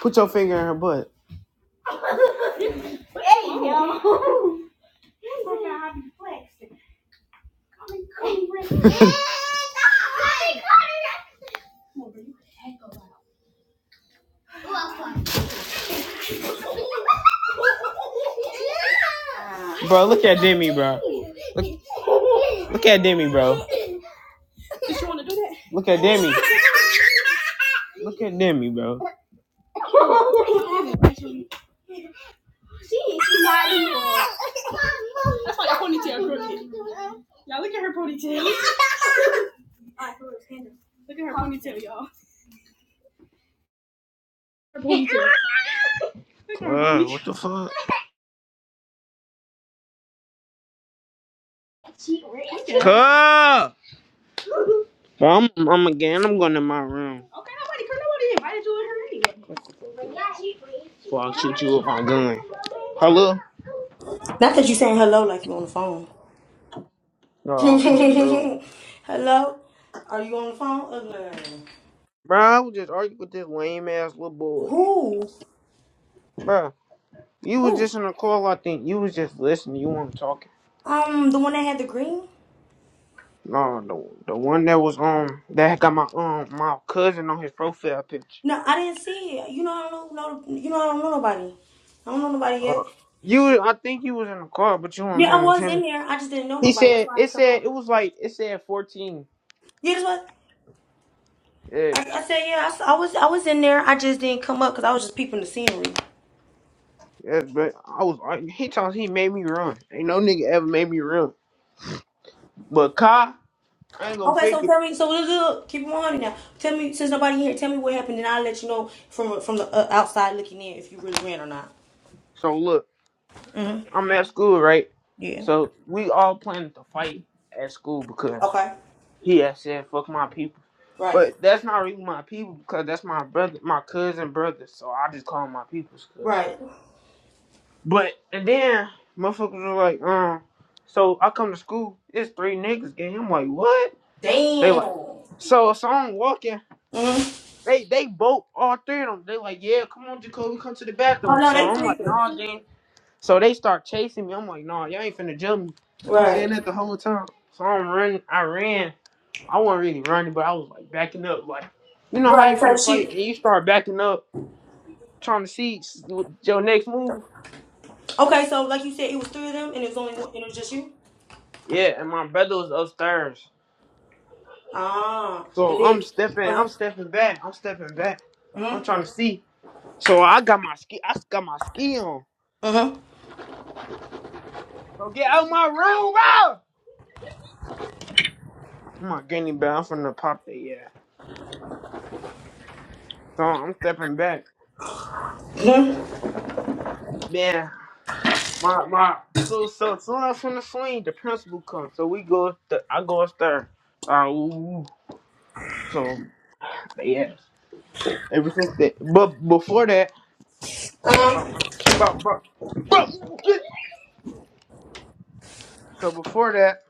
Put your finger in her butt. Bro, look at Demi, bro. Look, look at Demi, bro. Did you want to do that? Look at Demi. Look at Demi, bro. That's why I ponytail crooked. Y'all look at her ponytail. Look at her ponytail, y'all. Her ponytail. Look what the fuck? Look Well, I'm, I'm again. I'm going to my room. Okay, nobody, cause nobody invited you in here anyway. Before I shoot you with my gun. Hello? Not that you saying hello like you on the phone. Oh, bro. hello? Are you on the phone? Ugly. Bro, I was just arguing with this lame ass little boy. Who? Bro. You was Who? just in the call, I think. You was just listening. You weren't talking. Um, the one that had the green? No, the the one that was um that got my um my cousin on his profile picture. No, I didn't see it. You know, I don't know. No, you know, I don't know nobody. I don't know nobody Uh, yet. you, I think you was in the car, but you weren't Yeah, I paying was in attention. there. I just didn't know He nobody. That's said why I it didn't come up. said it was like it said fourteen. Yeah, that's what Yeah, I, I said. Yeah, I I was. I was in there. I just didn't come up because I was just peeping the scenery. yeah, but I was like, he told he made me run. Ain't no nigga ever made me run. But Kai, I ain't gonna Okay, so fake it. tell me. So let's do- keep it on now. Tell me, since nobody here, tell me what happened, and I'll let you know from from the uh, outside looking in if you really ran or not. So look, Mhm. I'm at school right. Yeah. So we all planning to fight at school because Okay. he had said fuck my people. Right. But that's not really my people because that's my brother, my cousin brother. So I just call 'em my people's cousin. Right. But and then motherfuckers are like, um, so I come to school, it's three niggas gang. I'm like, what? They Damn. like, so so I'm walking. Mhm. They they both all three of them. They like, yeah, come on, Jacoby, come to the Oh bathroom. no, So they I'm like, freaking. nah, gang. So they start chasing me. I'm like, nah, y'all ain't finna jump me. I'm saying Right. that the whole time. So I'm running. I ran. I wasn't really running, but I was like backing up. Like, you know how Right. you Type finna fight shit. and you start backing up, trying to see s- your next move. Okay, so like you said, it was three of them, and it was only one, and it was just you. Yeah, and my brother was upstairs, Ah, so and I'm it. stepping, Uh I'm stepping back, I'm stepping back, huh. I'm Mhm. trying to see. So I got my ski, I got my ski on. Mhm. So get out my room, bro. I'm not getting it back. I'm finna pop it, yeah. So I'm stepping back. Mhm. Man, my my so so soon as from the swing, the principal comes. So we go, up I go upstairs. Uh, ooh. So Yes. Ever since that, but before that, Uh bro, huh. bro, bro, bro. So before that,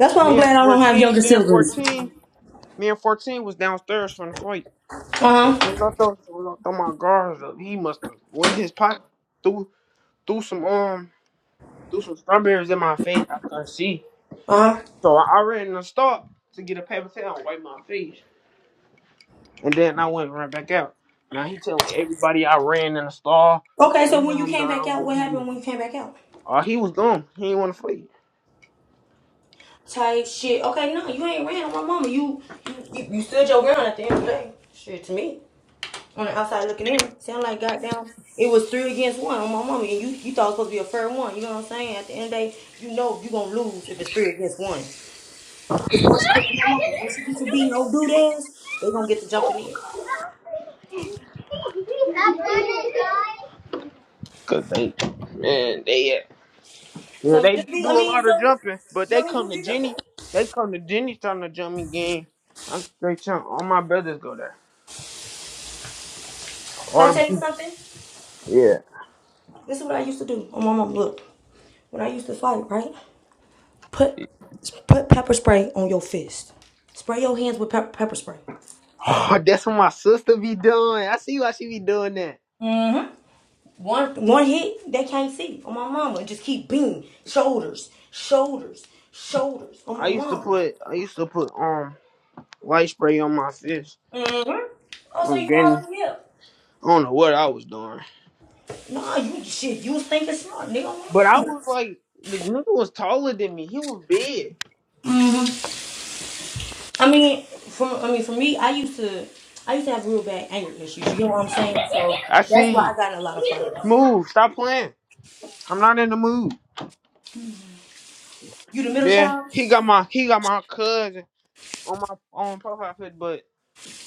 That's why I'm me and glad I don't have fourteen, younger me and siblings. fourteen, me and fourteen was downstairs from the fight. So Uh as soon as huh. I throw, soon I throw my guards up, he must have went in his pocket, threw threw some um threw some strawberries in my face. I couldn't see, Uh huh. so I, I ran in the stop to get a paper towel and wipe my face, and then I went right back out. Now he telling everybody I ran in the stall. Okay, so when you I'm came back out, what down. happened when you came back out? Oh, he was dumb. He didn't want to fight. Type shit. Okay, no, you ain't ran on my mama. You you, you stood your ground at the end of the day. Shit to me. On the outside looking in, sound like goddamn it was three against one on my mama and you you thought it was supposed to be a fair one. You know what I'm saying? At the end of the day, you know you gonna lose if it's three against one. Because once you get to my mama, once you get to be no dude ass, they gonna get to jumping in. Cause they, man, they yeah, So they just do be do I a mean, lot so of jumping, but you know they what I mean you come to did your thing. Jenny. They come to Jenny trying to jump me again. I'm straight trying. All my brothers go there. Can I All the tell you people. something? Yeah. This is what I used to do on my mama. Look, when I used to fight, right? Put put pepper spray on your fist. Spray your hands with pep- pepper spray. Oh, that's what my sister be doing. I see why she be doing that. hmm One one hit, they can't see. On my mama, just keep being shoulders, shoulders, shoulders. On I my used to mama. put, I used to put um light spray on my fish. hmm Also, from you Guinea. already here. I don't know what I was doing. Nah, you shit. You was thinking smart, nigga. But I was like, the nigga was taller than me. He was big. I mean, from I mean, for me, I used to I used to have real bad anger issues. You know what I'm saying? So I that's why I see. got in a lot of fights. Move. Stop playing. I'm not in the mood. You the middle Yeah, child. he got my he got my cousin on my on profile pic, but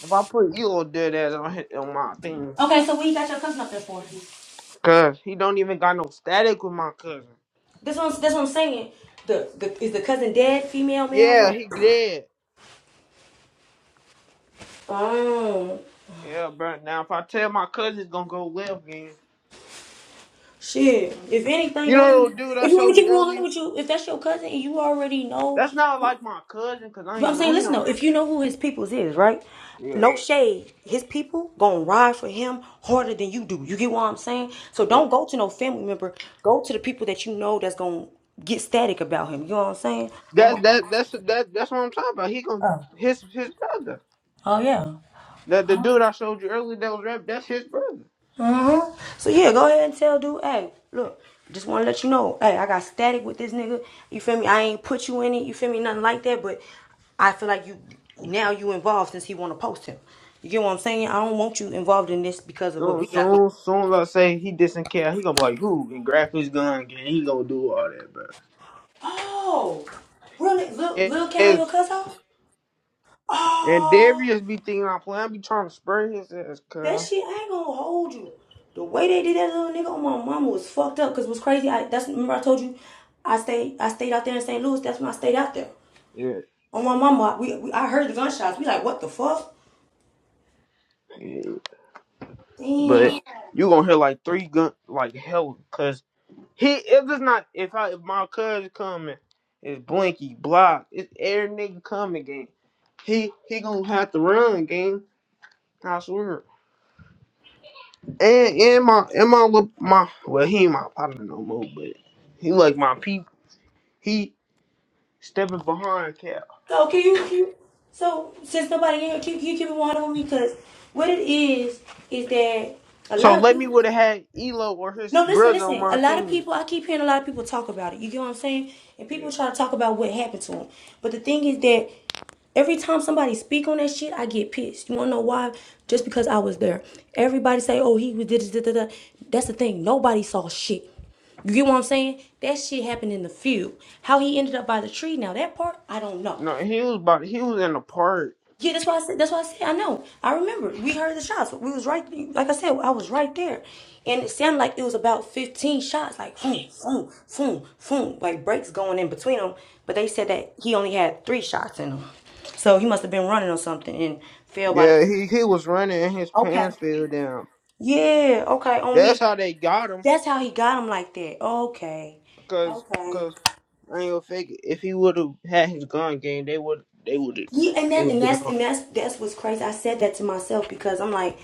if I put you old dead ass on his, on my thing, Okay, so what you got your cousin up there for? cause he don't even got no static with my cousin. That's what i that's what I'm saying. The, the is the cousin dead? Female, male, Yeah, what? he dead. Oh Yeah, bro. Now if I tell my cousin, it's gonna go left again. shit! If anything, You don't know even. the dude I If you want me showed to you keep one hundred earlier? with you, if that's your cousin and you already know, That's not like my cousin, cause I but I'm ain't saying, know listen him. though, if you know who his peoples is, right? Yeah. No shade. His people gonna ride for him harder than you do. You get what I'm saying? So yeah. don't go to no family member. Go to the people that you know that's gonna get static about him. You know what I'm saying? Oh, That's my- that that's that that's what I'm talking about. He going oh. his his brother. oh yeah. That the dude I showed you earlier that was rap, that's his brother. Uh-huh. So yeah, go ahead and tell dude, hey, look, just wanna let you know, hey, I got static with this nigga. You feel me? I ain't put you in it, you feel me, nothing like that, but I feel like you now you involved since he wanna post him. You get what I'm saying? I don't want you involved in this because of what Soon we got going. soon soon as I say he didn't care, he gonna be like who and grab his gun and he gonna do all that, bro. Oh really? Lil It Lil Cal is your cuss out? and Oh Darius be thinking I'm playing, I be trying to spray his ass, that cuz. shit I ain't gonna hold you. The way they did that little nigga on my mama was fucked up. Cause it was crazy, I that's remember I told you I stayed I stayed out there in St. Louis, that's when I stayed out there. Yeah, On my mama, we, we I heard the gunshots. We like, what the fuck? yeah. But Damn. you gonna hear like three gun like hell He if it's not if I if my cousin coming, it's Blinky Block. It's every nigga coming game. He he gonna have to run game. I swear. And and my and my lil- my well he ain't my partner no more, but he like my people. He stepping behind Cap. So can you, can you so since nobody in here, can, you, can you keep it one on me? Cause what it is is that a So lot of let people. me would have had Elo or his No, listen, brother on listen. A my lot of team. people, I keep hearing a lot of people talk about it. You get what I'm saying? And Yeah. people try to talk about what happened to them. But the thing is that every time somebody speak on that shit, I get pissed. You wanna know why? Just because I was there. Everybody say, "Oh, he was did this, da da da." That's the thing. Nobody saw shit. You get what I'm saying? That shit happened in the field. How he ended up by the tree, now that part, I don't know. No, he was about he was in the park. Yeah, that's why I said. That's why I said. I know. I remember. We heard the shots. We was right. Like I said, I was right there, and it sounded like it was about fifteen shots. Like boom, boom, boom, boom. Like breaks going in between them. But they said that he only had three shots in him, so he must have been running or something and fell by the. Yeah, he he was running and his Okay. pants fell down. Yeah. Okay. On me. That's how they got him, That's how he got him like that. Okay. cause Okay. 'cause I ain't gonna fake it. If he would have had his gun game, they would they would have Yeah, and it that would have and been that's and on. that's that's what's crazy. I said that to myself because I'm like,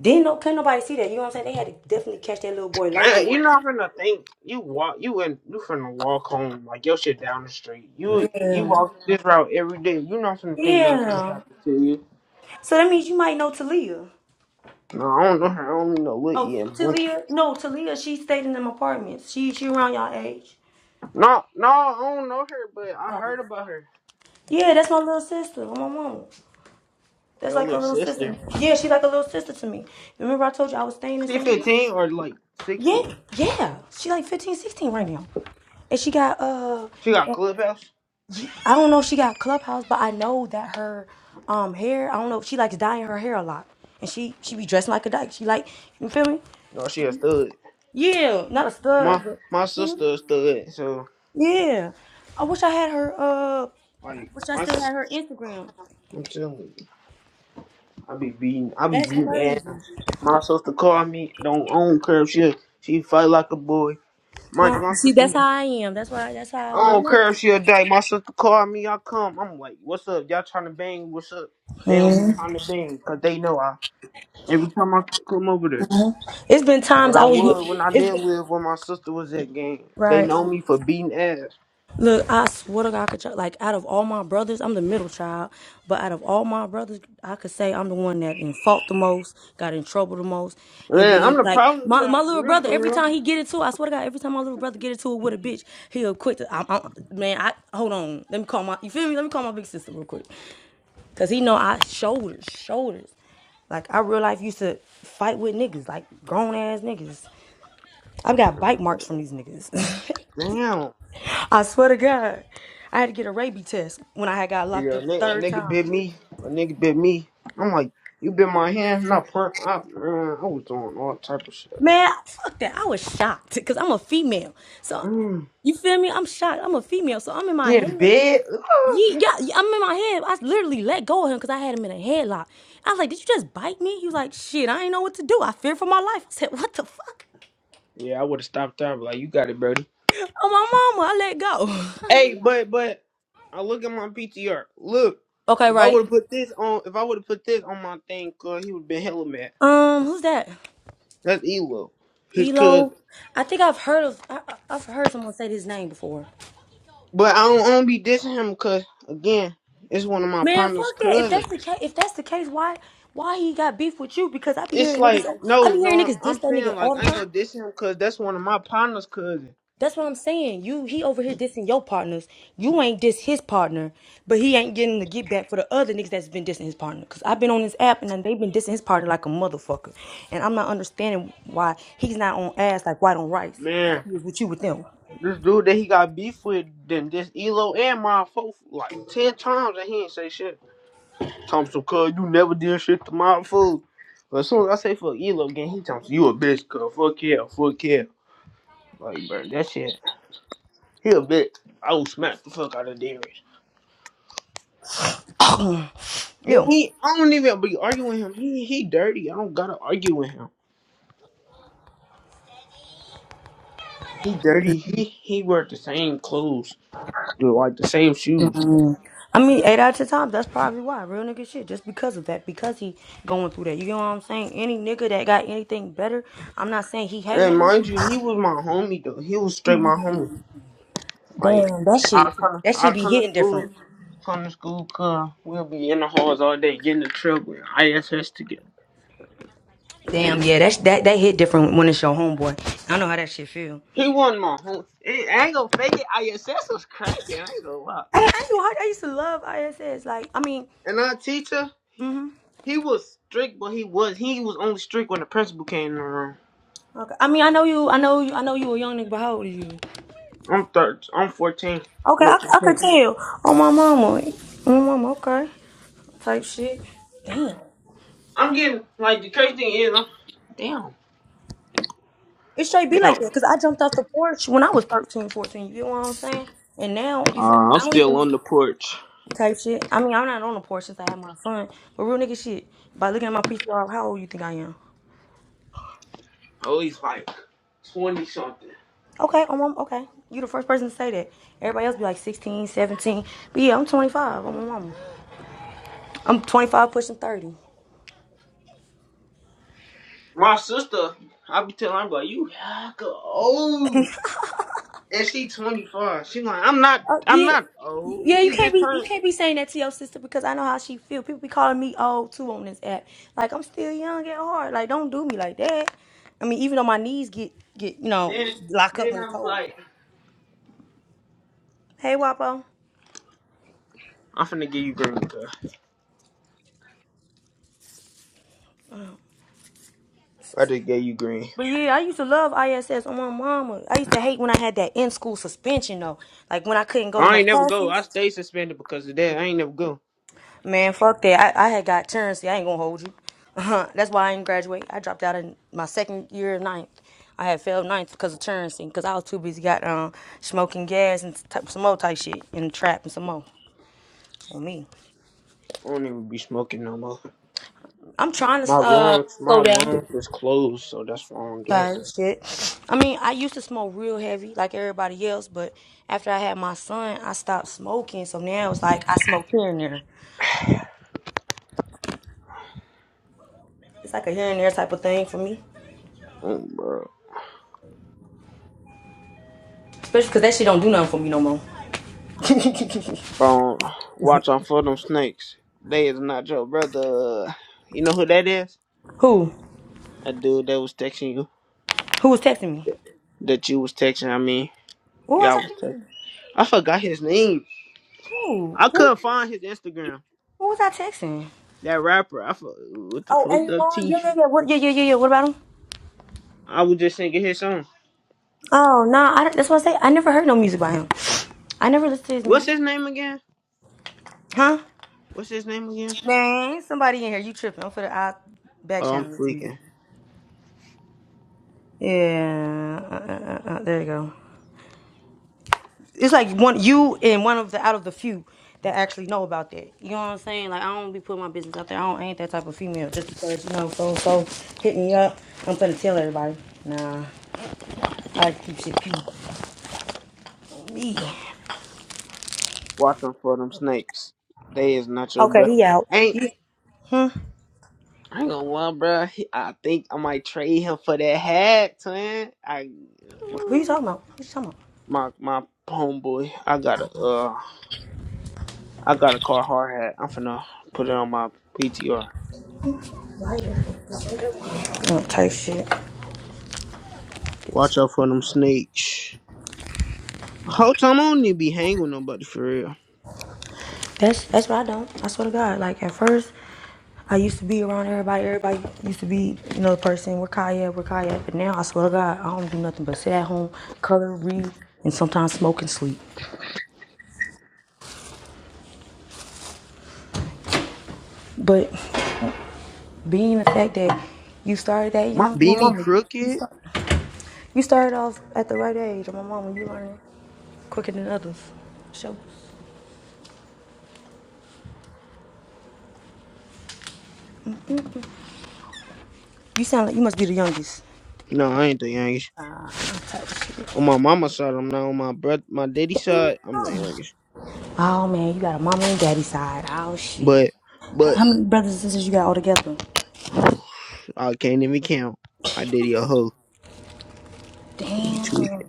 didn't no can't nobody see that. You know what I'm saying? They had to definitely catch that little boy like I, it. you're not finna think you walk you and you finna walk home like your shit down the street. You you Yeah. walk this route every day. You're not finna think nothing finna Yeah. happen to you. So that means you might know Talia. No, I don't know her. I don't even know what Oh, Ian Blinky. Talia? No, Talia. She stayed in them apartments. She she around y'all age. No, no, I don't know her, but I Oh. heard about her. Yeah, that's my little sister. My mom. That's Your like a little little sister. sister. Yeah, she like a little sister to me. Remember I told you I was staying in She St. 15 or like Yeah, 16. yeah. She like 15, 16 right now, and she got uh. She got clubhouse. I don't know if she got Clubhouse, but I know that her um hair, I don't know, she likes dyeing her hair a lot. And she she be dressing like a dyke. She like, you feel me? No, she a stud. Yeah, not a stud, My but my sister a stud. So yeah. I wish I had her uh like wish I my still s- had her Instagram. I'm telling you. I be beating, I be That's beating ass. crazy. My sister called me, don't I don't care if she she fight like a boy. Mind you, Well, my see, that's sister, how I am. That's why that's how I don't care if she a dyke. My sister called me, I come. I'm like, what's up? Y'all trying to bang? What's up? They don't be trying to bang, 'cause they know I. Every time I come over there, It's been times when I I was with would, when I it's, did live where my sister was at game, they right. know me for beating ass. Look, I swear to God, I could, like, out of all my brothers, I'm the middle child, but out of all my brothers, I could say I'm the one that in fault the most, got in trouble the most, and Man, I'm then, the like, problem my, my child for little real, brother, for every real. time he get into it, I swear to God, every time my little brother get into it with a bitch, he'll quit, to, i i man, I, hold on, let me call my, you feel me, let me call my big sister real quick, because he know I shoulders, shoulders, like, I real life used to fight with niggas, like, grown ass niggas, I've got bite marks from these niggas, Damn. I swear to God, I had to get a rabies test when I had got locked Yeah, a up the nigga, a third nigga time. bit me. A nigga bit me. I'm like, you bit my hand? Not per. I, uh, I was doing all type of shit. Man, fuck that. I was shocked because I'm a female. So, Mm. you feel me? I'm shocked. I'm a female. So, I'm in my Getting head. bit. Ugh. Ye- Yeah, yeah, I'm in my head. I literally let go of him because I had him in a headlock. I was like, Did you just bite me? He was like, Shit, I ain't know what to do. I fear for my life. I said, What the fuck? Yeah, I would have stopped there. i like, you got it, Brody. Oh, my mama, I let go. Hey, but but I look at my PTR. Look, okay, if I right. would have put this on, if I would have put this on my thing, cause he would have been hella mad. Um, who's that? That's Elo, his cousin. Elo. I think I've heard of, I, I- I've heard someone say his name before. But I don't, I don't be dissing him, cause again, it's one of my Man, partner's fuck that. If cousin. that's the case, if that's the case, why why he got beef with you? Because I be it's hearing niggas, like I no, be hearing no. niggas diss I'm that nigga saying like all the I ain't time. gonna diss him because that's one of my partner's cousin. That's what I'm saying. You he over here dissing your partners. You ain't diss his partner, but he ain't getting the get back for the other niggas that's been dissing his partner. Cause I've been on this app and then they've been dissing his partner like a motherfucker, and I'm not understanding why he's not on ass like white on rice like Man, he is with you with them. this dude that he got beef with, then this Elo and my folk like ten times, and he ain't say shit. Thompson, cuz you never did shit to my food. But as soon as I say fuck Elo again, he Thompson, you a bitch, cuz fuck yeah, fuck yeah. Like bro, that shit, he a bitch. I will smack the fuck out of Darius. Then Ew. He, I don't even be arguing with him. He, he dirty. I don't gotta argue with him. He dirty. He, he wear the same clothes. like the same shoes. I mean, eight out of ten times, that's probably why. Real nigga shit. Just because of that. Because he going through that. You know what I'm saying? Any nigga that got anything better, I'm not saying he hating on And him. mind you, he was my homie though. He was straight my homie. Like Damn, that shit. I kind of, That I shit be kind of hitting school, different. come to school. Cause we'll be in the halls all day getting the truck with ISS together. Damn, yeah, that's that that hit different when it's your homeboy. I know how that shit feel. He wasn't my homie. It, I ain't gonna fake it. ISS was cracking. I ain't gonna lie. I, I knew how I used to love ISS. Like, I mean, And our teacher, mm he was strict, but he was he was only strict when the principal came in the room. hmm okay. I mean, I know you. I know you. I know you a young nigga, but how old are you? I'm third. I'm fourteen. Okay, No, I, I could fifteen. tell. Oh, my mama. Oh, my mama. Okay, type shit. Damn. I'm getting like the crazy thing is, I'm damn, It straight be like damn. that because I jumped off the porch when I was 13, 14. You get what I'm saying? And now, you feel me? Uh, I'm I don't still even on the porch. type shit. I mean, I'm not on the porch since I had my son. But real nigga shit, by looking at my PCR, how old you think I am? Oh, he's like 20 something. Okay, I'm, I'm- okay. You the first person to say that. Everybody else be like 16, 17. But yeah, I'm 25. I'm a mama. I'm 25 pushing 30. My sister, I be telling her, I'm like, you hecka old. And she 25. She like, I'm not, Oh I'm yeah, not old. yeah. You She can't just be you turned. can't be saying that to your sister because I know how she feel. People be calling me old too on this app. Like I'm still young at heart. Like don't do me like that. I mean, even though my knees get get you know Then, lock up then when it's I'm cold. like, Hey, Wapo. I'm finna give you green, cuz. I just gave you green. But yeah, I used to love ISS on my mama. I used to hate when I had that in school suspension though. Like when I couldn't go to I no ain't never go. I classes. stay suspended because of that. I ain't never go. Man, fuck that. I, I had got currency. I ain't gonna hold you. That's why I didn't graduate. I dropped out in my second year of ninth. I had failed ninth because of currency, because I was too busy got um, smoking gas and t- some more type shit and trap and some more. And me, I don't even be smoking no more. I'm trying My to uh lungs, my slow lungs down. is closed, so that's why I don't do it. Tired shit. I mean, I used to smoke real heavy like everybody else, but after I had my son, I stopped smoking. So now it's like I smoke here and there. It's like a here and there type of thing for me, Mm, bro. especially because that shit don't do nothing for me no more. Bro, watch out for them snakes. They is not your brother. You know who that is? Who? A dude that was texting you, Who was texting me? that you was texting. I mean, Who yeah, was I I was texting? texting. I forgot his name. Who? I Who? couldn't find his Instagram. Who was I texting? That rapper. I for, what the Oh, fuck and the yeah, yeah, teeth. yeah. What? Yeah, yeah, yeah, yeah. What about him? I was just singing his song. Oh, nah. I, that's what I say. I never heard no music by him. I never listened to his What's music. his name again? Huh? What's his name again? Man, somebody in here. You tripping? I'm for the I back Oh, I'm channel this evening. freaking. Yeah. Uh, uh, uh, uh, there you go. It's like one you and one of the out of the few that actually know about that. You know what I'm saying? Like I don't be putting my business out there. I don't I ain't that type of female. Just because you know so so hit me up. I'm gonna tell everybody. Nah, I keep shit. Me. Watch Watching for them snakes. They is not your Okay, bro. he out. Ain't You, hmm? I ain't gonna lie, bro. He, I think I might trade him for that hat, son. I Who you talking about? Who you talking about? my my homeboy. I got a uh. I got a car hard hat. I'm finna put it on my PTR. I Don't type shit. Watch out for them snakes. Whole time I don't need to be hanging with nobody for real. That's that's what I don't. I swear to God. Like at first, I used to be around everybody. Everybody used to be, you know, the person. We're Kaya, we're Kaya. But now I swear to God, I don't do nothing but sit at home, color, read, and sometimes smoke and sleep. But being the fact that you started that My young, well, beanie mama, you, crooked. start, you started off at the right age. And my mama, you learning quicker than others. So you sound like you must be the youngest. No, I ain't the youngest. On my mama's side, I'm not. On my brother, my daddy side, I'm the youngest. Oh man, you got a mama and daddy side. Oh shit. But, How, but many brothers and sisters you got all together? I can't even count. My daddy a hoe. He Damn. be tweaking.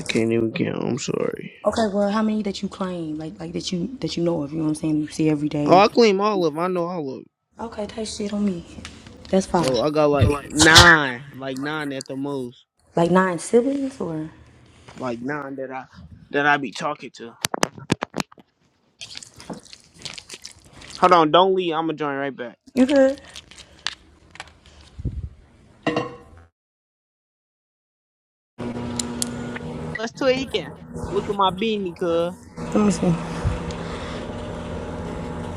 I can't even count. I'm sorry. Okay, well, how many that you claim, like like that you that you know of? You know what I'm saying? You see every Oh, day. I claim all of. 'em. I know all of. 'em. Okay, type shit on me. That's So five. I got like nine, like nine at the most, Like nine siblings or? like nine that I that I be talking to. Hold on, don't leave. I'ma join right back. You good? Let's tweaking. Look at my beanie, cuz. Let me see.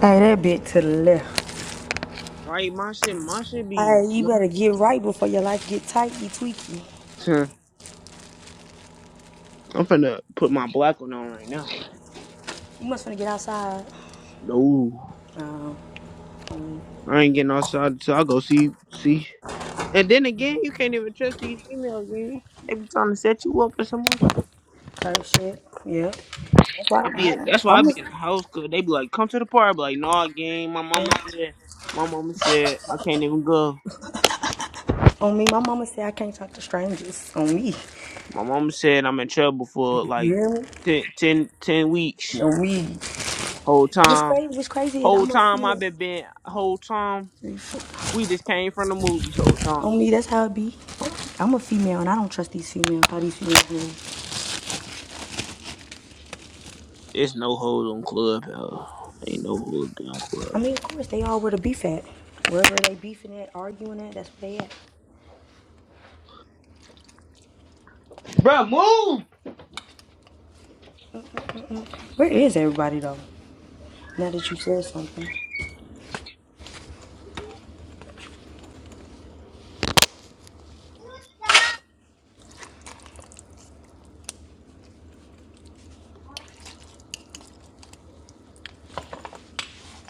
Hey, that bit to the left. Right, my shit, my shit be. Hey, you better get right before your life get tight. You tweaky. Huh, I'm finna put my black one on right now. You must finna get outside. No, Um, I ain't getting outside, so I'll go see, see. And then again, you can't even trust these females, man. They be trying to set you up or someone. type shit. Yep. That's why I be I, in, that's why I I'm. be in the house, cause they be like, "Come to the party." I be like, "Nah, gang." My Yeah. mama said, my mama said I can't even go. On me, my mama said I can't talk to strangers. On me, My mama said I'm in trouble for you like hear me? 10, 10, ten weeks. On me. Whole What's time. crazy? What's crazy is Whole I'm a time i female. been been whole time we just came from the movies whole time. On me, that's how it be. I'm a female, and I don't trust these females. How these females do? It's no hoes on club. uh, Ain't no hoes on I club. mean, of course, they all where the beef at. Wherever they beefing at, arguing at, that's where they at. Bro, move. Where is everybody though? Now that you said something,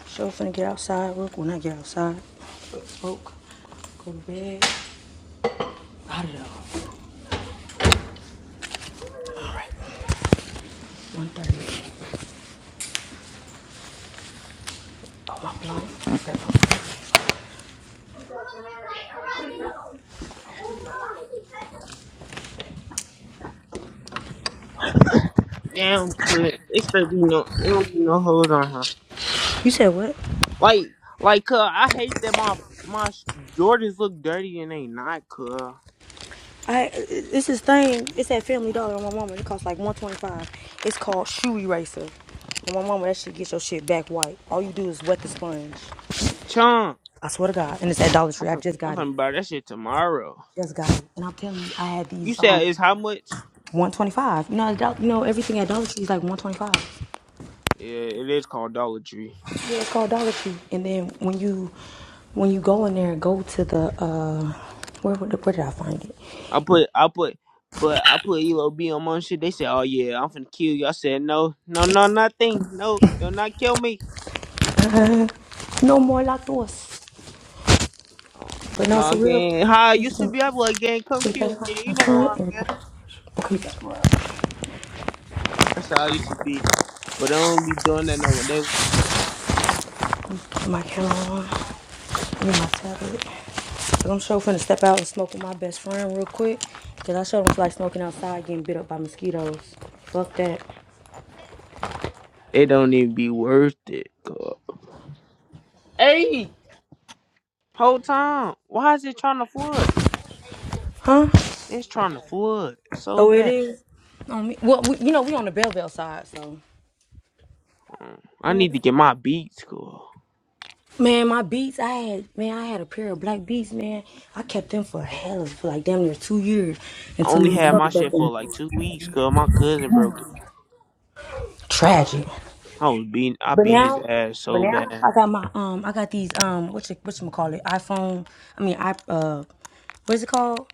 sure finna get outside. Work when I get outside. Smoke. Go to bed. Out of there. One thirty. Oh my block. Damn, cuz. it still be no, it don't be no hoes on her. You said what? Like, like, cuz I hate that my my sh- Jordans look dirty and they not, cuz. I it's this thing. It's at Family Dollar on my mama. It costs like one twenty five. It's called shoe eraser. On my mama, that shit gets your shit back white. All you do is wet the sponge. Chum, I swear to God, and it's at Dollar I'm Tree. I finna, just I'm got it. finna buy that shit tomorrow. Just got it. And I'm telling you, I had these You said um. it's how much? 125. You know, at Dol- you know everything at Dollar Tree is like 125. Yeah, it is called Dollar Tree. Yeah, it's called Dollar Tree. And then when you when you go in there, go to the uh where where where did I find it? I put I put but I put Elo B on my shit. They said, "Oh yeah, I'm finna kill you." I said, "No, no, no, nothing. No, do not kill me." No Um, more lactose. uh, But no, no, for gang. How I used to real. be, I be like, "Gang, come You guys kill me." Yeah, want my you know phone? where I'm at. Everybody. Okay, you guys want That's how I used to be. But I don't be doing that no more. They my camera on. Give me my tablet. So I'm sure finna step out and smoke with my best friend real quick. Cause I sure don't feel like smoking outside getting bit up by mosquitoes. Fuck that. it don't even be worth it. God. Hey, whole time. Why is it trying to flood? Huh? It's trying to flood so Oh, it bad. is? On me. Well, we, you know, we on the Belleville side, so. Mm, I we may- need to get my beats. Cool. Man, my beats, I had, man, I had a pair of black beats, man. I kept them for hell, for like damn near two years and I to only me, had my broke shit for in. like two weeks. Cause my cousin broke it. Tragic. I was beating, I But beat his now, ass but so now bad. I got my um, I got these um, what you what you call it? iPhone. I mean, I uh, what's it called?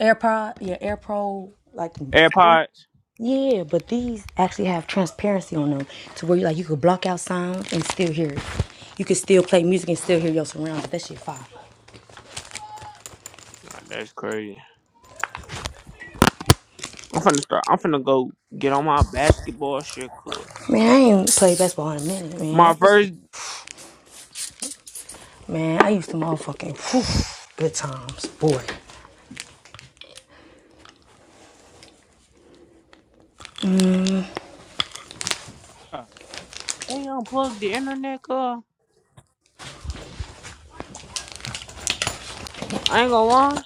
AirPod. Yeah, AirPro. Like, AirPods, yeah. But these actually have transparency on them, to where you like you could block out sound and still hear it. You could still play music and still hear your surroundings. That shit fire. Nah, that's crazy. I'm finna start. I'm finna go get on my basketball shit. Cause Man, I ain't played basketball in a minute, man. my I used- first, Man, I used to motherfucking whew, good times, boy. they unplugged the internet. Cause I ain't gonna lie.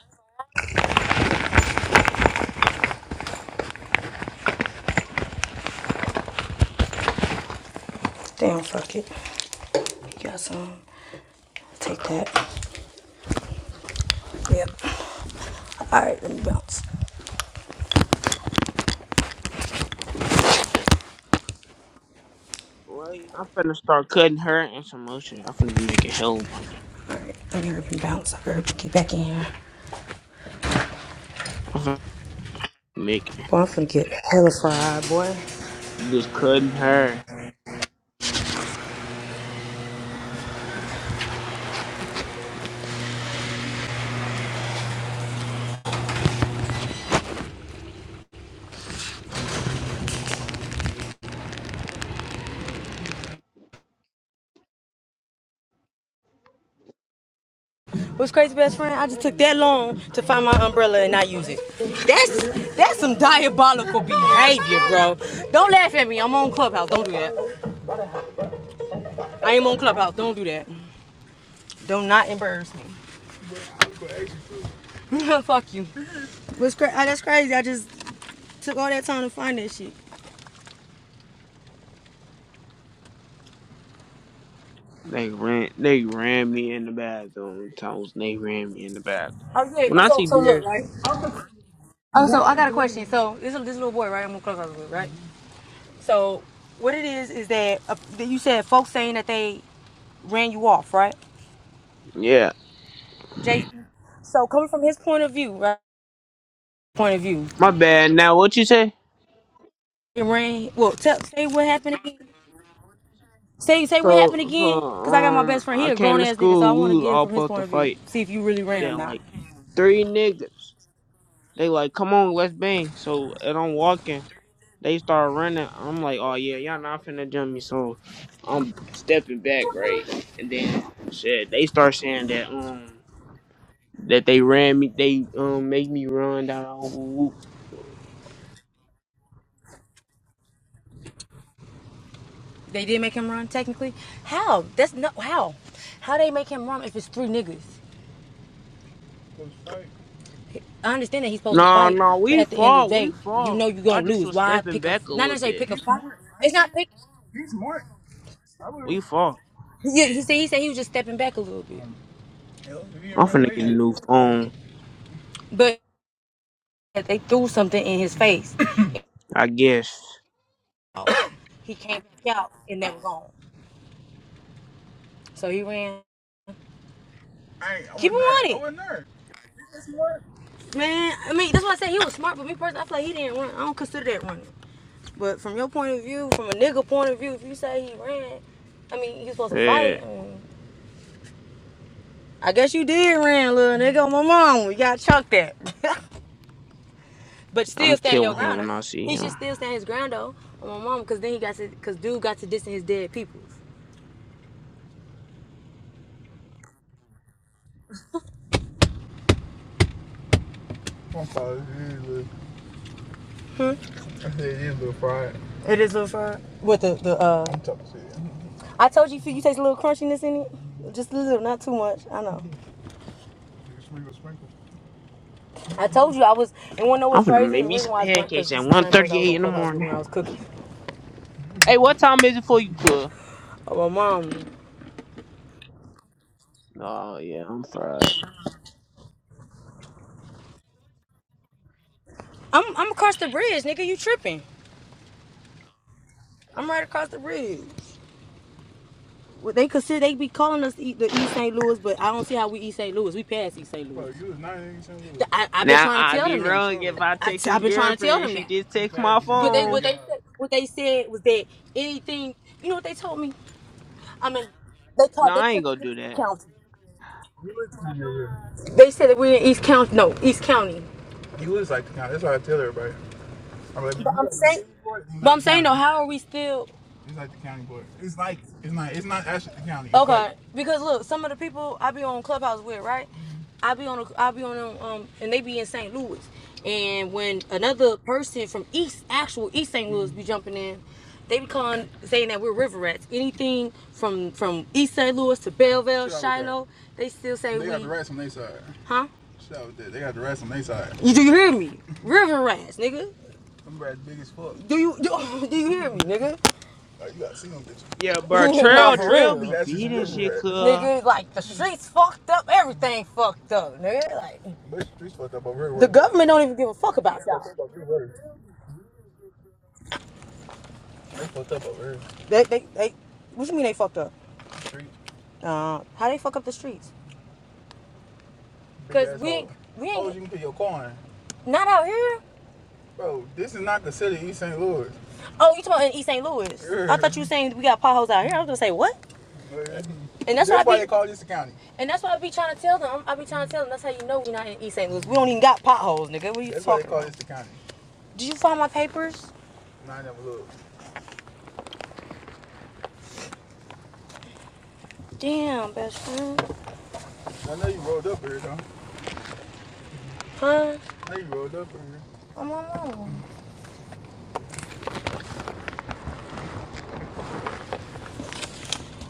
Damn, fuck it. You got some. Take that. Yep. All right, let me bounce. Well, I'm finna start cutting her and some other shit. I'm finna be making hell of money. Alright, let me rip and bounce. I better get back in here. I'm finna be making Boy, I'm finna get hella fried, boy. just cutting her. What's crazy, best friend? I just took that long to find my umbrella and not use it. That's that's some diabolical behavior, bro. Don't laugh at me. I'm on Clubhouse. Don't do that. I am on Clubhouse. Don't do that. Do not embarrass me. Fuck you. What's cra- oh, that's crazy. I just took all that time to find that shit. They ran, they ran me in the bathroom. Times they ran me in the bathroom. Oh yeah. When I So see so look, theirs, right. Oh, so I got a question. So this this little boy, right? I'm on Clubhouse with, right? So what it is is that uh, you said folks saying that they ran you off, right, yeah, Jason? So coming from his point of view, right? Point of view, my bad. Now what you say? it ran. Well, tell, say what happened again. Say say what happened So, so again, cause I got my best um, friend. He I a grown came to ass nigga, so I school. want to We was get it all from his supposed point to of view. fight. See if you really ran or Then not. like three niggas. They like, come on, let's bang. So and I'm walking. They start running. I'm like, oh yeah, y'all not finna jump me, so I'm stepping back, right? And then shit, they start saying that um that they ran me, they um made me run down. the whole loop. They did make him run technically. How? That's not how. How they make him run if it's three niggas? It was fake. I understand that he's supposed to No, fight, no, but we at the end of the fought, we day, you fought. know you're I gonna just lose. was Why stepping pick a back a not little necessarily bit. pick a He's fight? smart. It's not pick. He's smart. I would. We fought. Yeah, he said he said he was just stepping back a little bit, Um, hell, if he didn't I'm run finna away, get then a he didn't new run away. phone, but they threw something in his face. I guess. He came back out and they were gone. So he ran. I, ain't- I Keep him wasn't there. on I it, wasn't there. He's smart. man. I mean, that's why I said he was smart, but me personally, I feel like he didn't run. I don't consider that running. But from your point of view, from a nigga point of view, if you say he ran, I mean, you supposed to Yeah, fight. I mean, I guess you did ran, little nigga. My mom, we got chalk that. but I'm still stand your killing him ground. though. when I see He him. should still stand his ground though. On my mom, cause then he got to, cause dude got to distance his dead peoples. I'm sorry, it is a little, I said it is a little fried. It is a little fried. What the the uh? I'm talking shit. I told you, you taste a little crunchiness in it. Just a little, not too much. I know. You can sprinkle, sprinkle. I told you I was, and wanna know I'm what's finna crazy? make The me reason some why it's burnt because pancakes at this is the same person I was 1.38 on in the Clubhouse with morning. when I was cooking. Hey, what time is it for you, cuz? Oh, my mom. Oh yeah, I'm fried. I'm I'm across the bridge, nigga. You tripping? I'm right across the bridge. Well, they consider they be calling us E- the East St. Louis, but I don't see how we East St. Louis. We past East St. Bro, Louis. you was not in St. Louis. Th- I, I've been Now trying to i tell be You them Yeah, that. past wrong if I text Charlotte. I, his I've been trying to tell girlfriend. them She that. just You text past my East St. But Louis. they what phone. they said what they said was that anything you know what they told me? I mean they called No, they I ain't gonna consider do us the that. county. They said that we're in East County. No, East County. He lives like the county. That's what I tell everybody like, But I'm saying, it's but like I'm saying though, how are we still It's like the county board. It's like it's not. It's not actually the county. It's like okay? Because look, some of the people I be on Clubhouse with, right? I be on, I be on, a, um, and they be in St. Louis, and when another person from East, actual East St. Louis, be jumping in, they be calling saying that we're river rats. Anything from from East St. Louis to Belleville, Shiloh, they still say we're. They got the rats on their side. huh? They got the rats on their side. You do you hear me? River rats, nigga. Them birds big as fuck. Do you do, do you hear me, nigga? Oh, you gotta see them bitches. Yeah, bro, nah, Trail for It's Trail real, be It's actually some beating shit, river rats. cuz. nigga. Like the streets fucked up, everything fucked up, nigga. Like But the streets fucked up over here. the government don't even give a fuck about that. They They fucked up over here. They they they. What you mean they fucked up? Street. Uh, how they fuck up the streets? Cause ass we ain't, hoes. we ain't oh, you can put your car in. not out here. Bro, this is not the city of East St. Louis. Oh, you talking about in East St. Louis? Yeah. I thought you were saying we got potholes out here. I was gonna say what? Yeah. And that's, That's why why I they call this a county. and that's why I be trying to tell them. I be trying to tell them. That's how you know we're not in East St. Louis. We don't even got potholes, nigga. What are you That's talking? That's why they call About? this the county. Did you find my papers? No, I never looked. Damn, best friend. I know you rolled up here, though. Huh? I know you rolled up here. I'm on my own.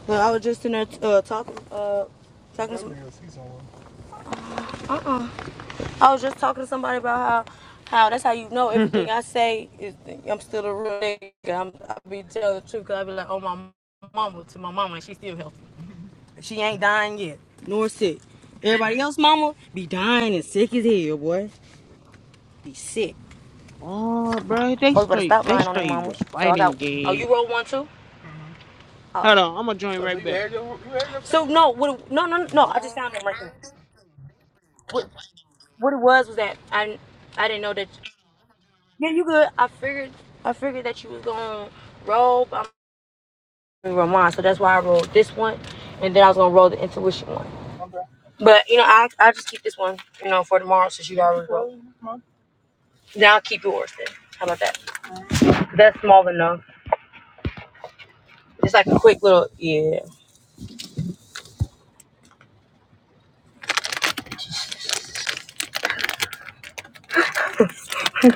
Look, I was just in there uh, talking, uh, I talking. know you see someone. Uh uh I was just talking to somebody about how how that's how you know everything I say is I'm still a real nigga. I'm, I be telling the truth 'cause I be like, oh my mama to my mama, and she still healthy. She ain't dying yet, nor sick. Everybody else, mama, be dying and sick as hell, boy. Be sick. oh, bro, they Folks better straight, stop they lying on their straight mamas. was So I got. fighting Oh, you game. roll one too. Oh. Hold on, I'm gonna join Oh, so right you back. had your you had your So no, what? No, no, no. no, I just found them right there. What? What it was was that I I didn't know that. Yeah, you good. I figured I figured that you was gonna roll, but I'm gonna roll mine, so that's why I rolled this one, and then I was gonna roll the intuition one. Okay. But you know, I I just keep this one, you know, for tomorrow since you already rolled. roll I'll Now keep yours then. How about that? That's small enough. Just like a quick little yeah.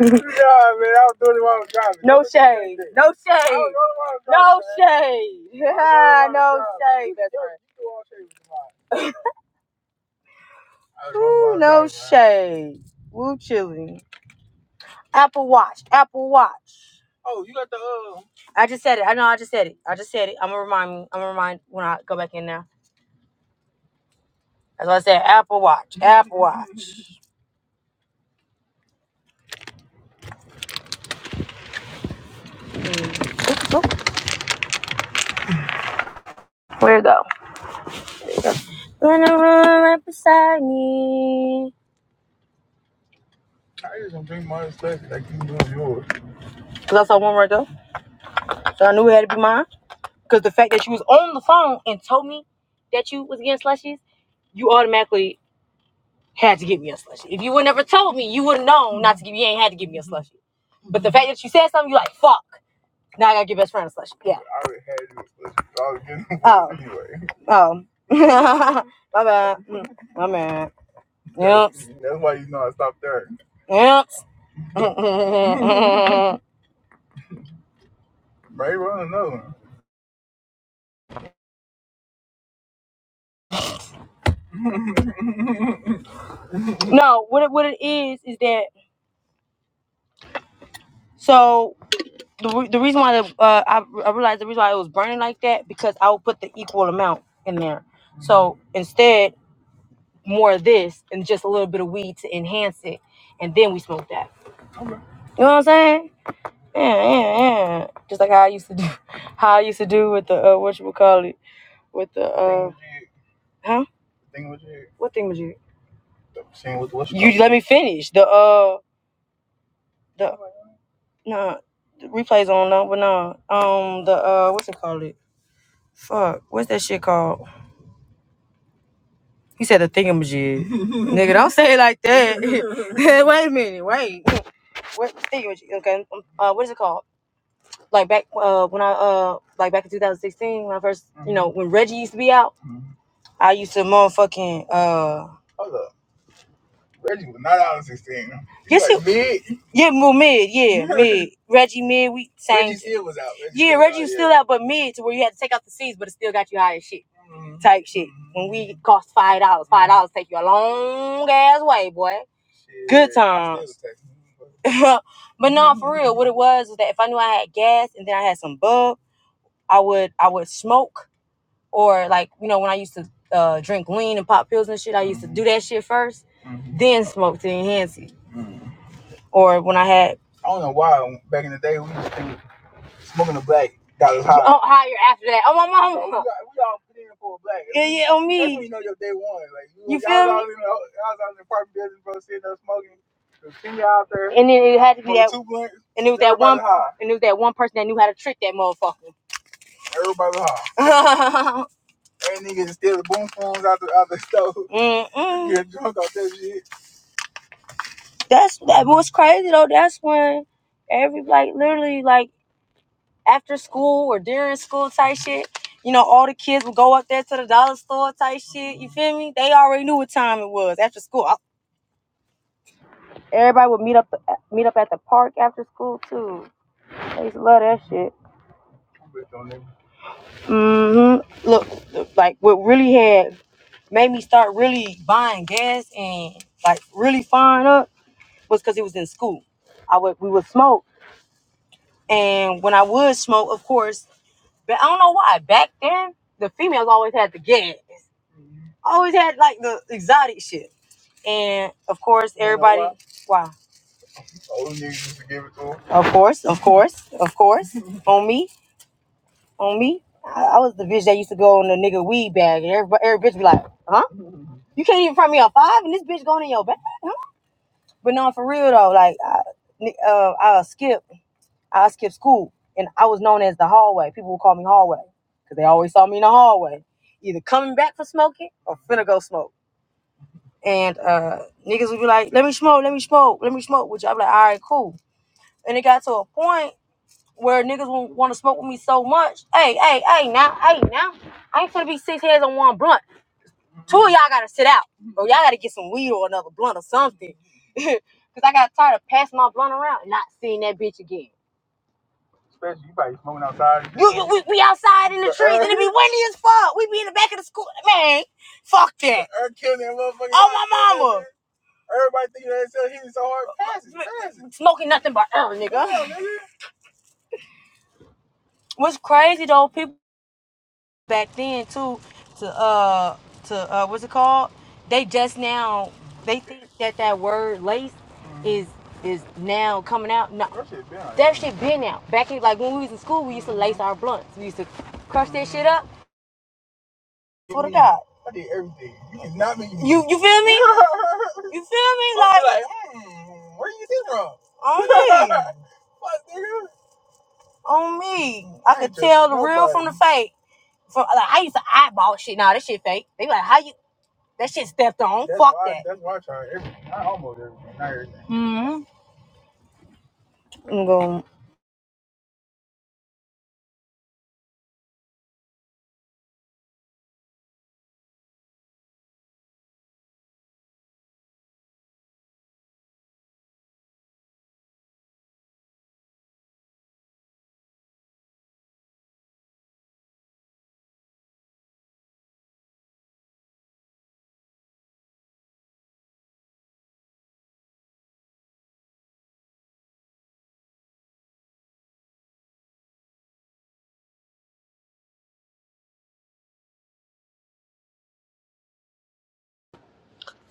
Yeah, man, I was doing the only one No shade. No shade. No shade. Yeah, no shade, That's right. Ooh, no shade. Woo chilling. Apple Watch. Apple Watch. Oh, you got the uh. I just said it. I know. I just said it. I just said it. I'm gonna remind me. I'm gonna remind when I go back in now. That's what I said. Apple Watch. Apple Watch. Where it go? Wanna run right beside me. I just don't bring my stuff like you do yours. Cause I saw one right there, so I knew it had to be mine. Cause the fact that you was on the phone and told me that you was getting slushies, you automatically had to give me a slushie. If you would never told me, you would have known not to give. You ain't had to give me a slushie. But the fact that you said something, you like fuck. Now I gotta give best friend a slushie. Yeah. I already had you a slushie. so I was getting one Oh. Anyway. Oh. My bad. Mm, My bad. Yep. That's why you know I stopped there. Yep. Maybe run another one. No. What it, what it is is that so. The, the reason why the, uh, I, I realized the reason why it was burning like that because I would put the equal amount in there. So instead, more of this and just a little bit of weed to enhance it, and then we smoke that. You know what I'm saying? Yeah, yeah, yeah. Just like how I used to do, how I used to do with the uh, what you would call it, with the uh, huh? What thing would you? You let me finish the uh the no the replays on no but no um the uh what's it called it fuck what's that shit called he said the thingamajig nigga don't say it like that wait a minute wait what state was you? Okay, um, uh, what is it called? Like back uh when I uh like back in 2016 when I first you know when Reggie used to be out, I used to motherfucking uh. Reggie was not out of 16. He Yes, he. like mid. Yeah, well, mid, yeah, mid. Reggie mid, we sang. Reggie still was out. Reggie Yeah, still was Reggie out, was yeah. still out, but mid to where you had to take out the seeds, but it still got you high as shit Mhm, type shit. When we mhm, cost five dollars, five mhm. dollars take you a long ass way, boy. Good Shit, I times. but no, for real, what it was was that if I knew I had gas and then I had some bub, I would I would smoke or like you know when I used to uh, drink lean and pop pills and shit, I used mm-hmm. to do that shit 1st then smoke to enhance it. Mm-hmm. Or when I had I don't know why back in the day we used to think smoking a black got us high. Oh, higher after that. Oh my mama. We, got, we all put in for a black. Yeah, yeah, on me. That's when you know your day one. Like you, you feel me? All in the, I was out in the apartment building, bro, sitting there smoking. the Finger out there. And then it had to be that, two and it was that one, high. and it was that one person that knew how to trick that motherfucker. Everybody high. Ain't niggas the boom phones out the out the store. Mm-mm. Get drunk off that shit. That's that was crazy though. That's when every like literally like after school or during school type shit. You know, all the kids would go up there to the dollar store type shit. You feel me? They already knew what time it was after school. Everybody would meet up meet up at the park after school too. They used to love that shit. Mm-hmm. Look, look, like what really had made me start really buying gas and like really firing up was because it was in school. I would we would smoke, and when I would smoke, of course, but I don't know why back then the females always had the gas, always had like the exotic shit, and of course You know everybody. Why? why? Older niggas used to give it to 'em. Of course, of course, of course. on me, on me. I, I was the bitch that used to go in the nigga weed bag, and every every bitch be like, "Huh? You can't even front me a five, and this bitch going in your bag." But no, for real though, like I, uh, I skip, I skip school, and I was known as the hallway. People would call me hallway because they always saw me in the hallway, either coming back for smoking or finna go smoke. And uh, niggas would be like, "Let me smoke, let me smoke, let me smoke," which I'm like, "All right, cool." And it got to a point where niggas would want to smoke with me so much. Hey, hey, hey, now, hey, now, I ain't finna be six heads on one blunt. Two of y'all gotta sit out, bro. Y'all gotta get some weed or another blunt or something. Cause I got tired of passing my blunt around and not seeing that bitch again. Especially you probably smoking outside. You, you, we, we outside in the trees and it be windy as fuck. We be in the back of the school, man. Fuck that. Earth killing that motherfucker. Oh my mama. Everybody thinking that so he was so hard passing, passing. Smoking nothing but air, Yeah, nigga. What's crazy though, people. back then too to uh to uh what's it called they just now they think that that word lace is is now coming out no that shit been out That shit been out. back in like when we was in school we used to lace our blunts we used to crush that shit up Swear to God. I did everything. You did not make me. You you feel me? you feel me? Like, like mm, where you see from? On me. Fuck, nigga. On me. I, I could ain't tell the trust the real nobody. from the fake. From like I used to eyeball shit. Nah, that shit fake. They be like, how you that shit stepped on. That's Fuck why, that. That's why I try everything. I almost everything. Not everything. Mm-hmm. I'm going.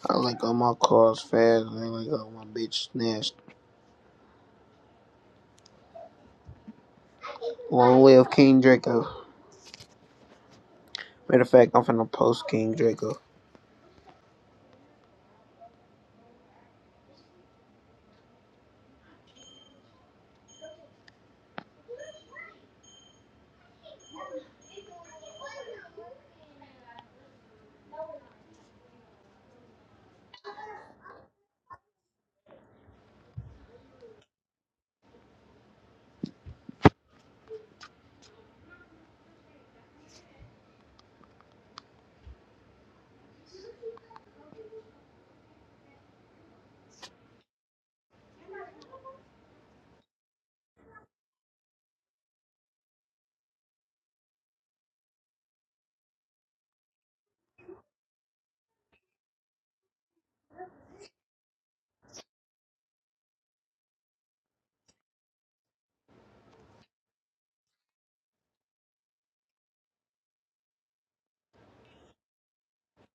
I like all my cars fast. and I ain't like all my bitch snatched. Long live King Draco. Matter of fact, I'm finna post King Draco.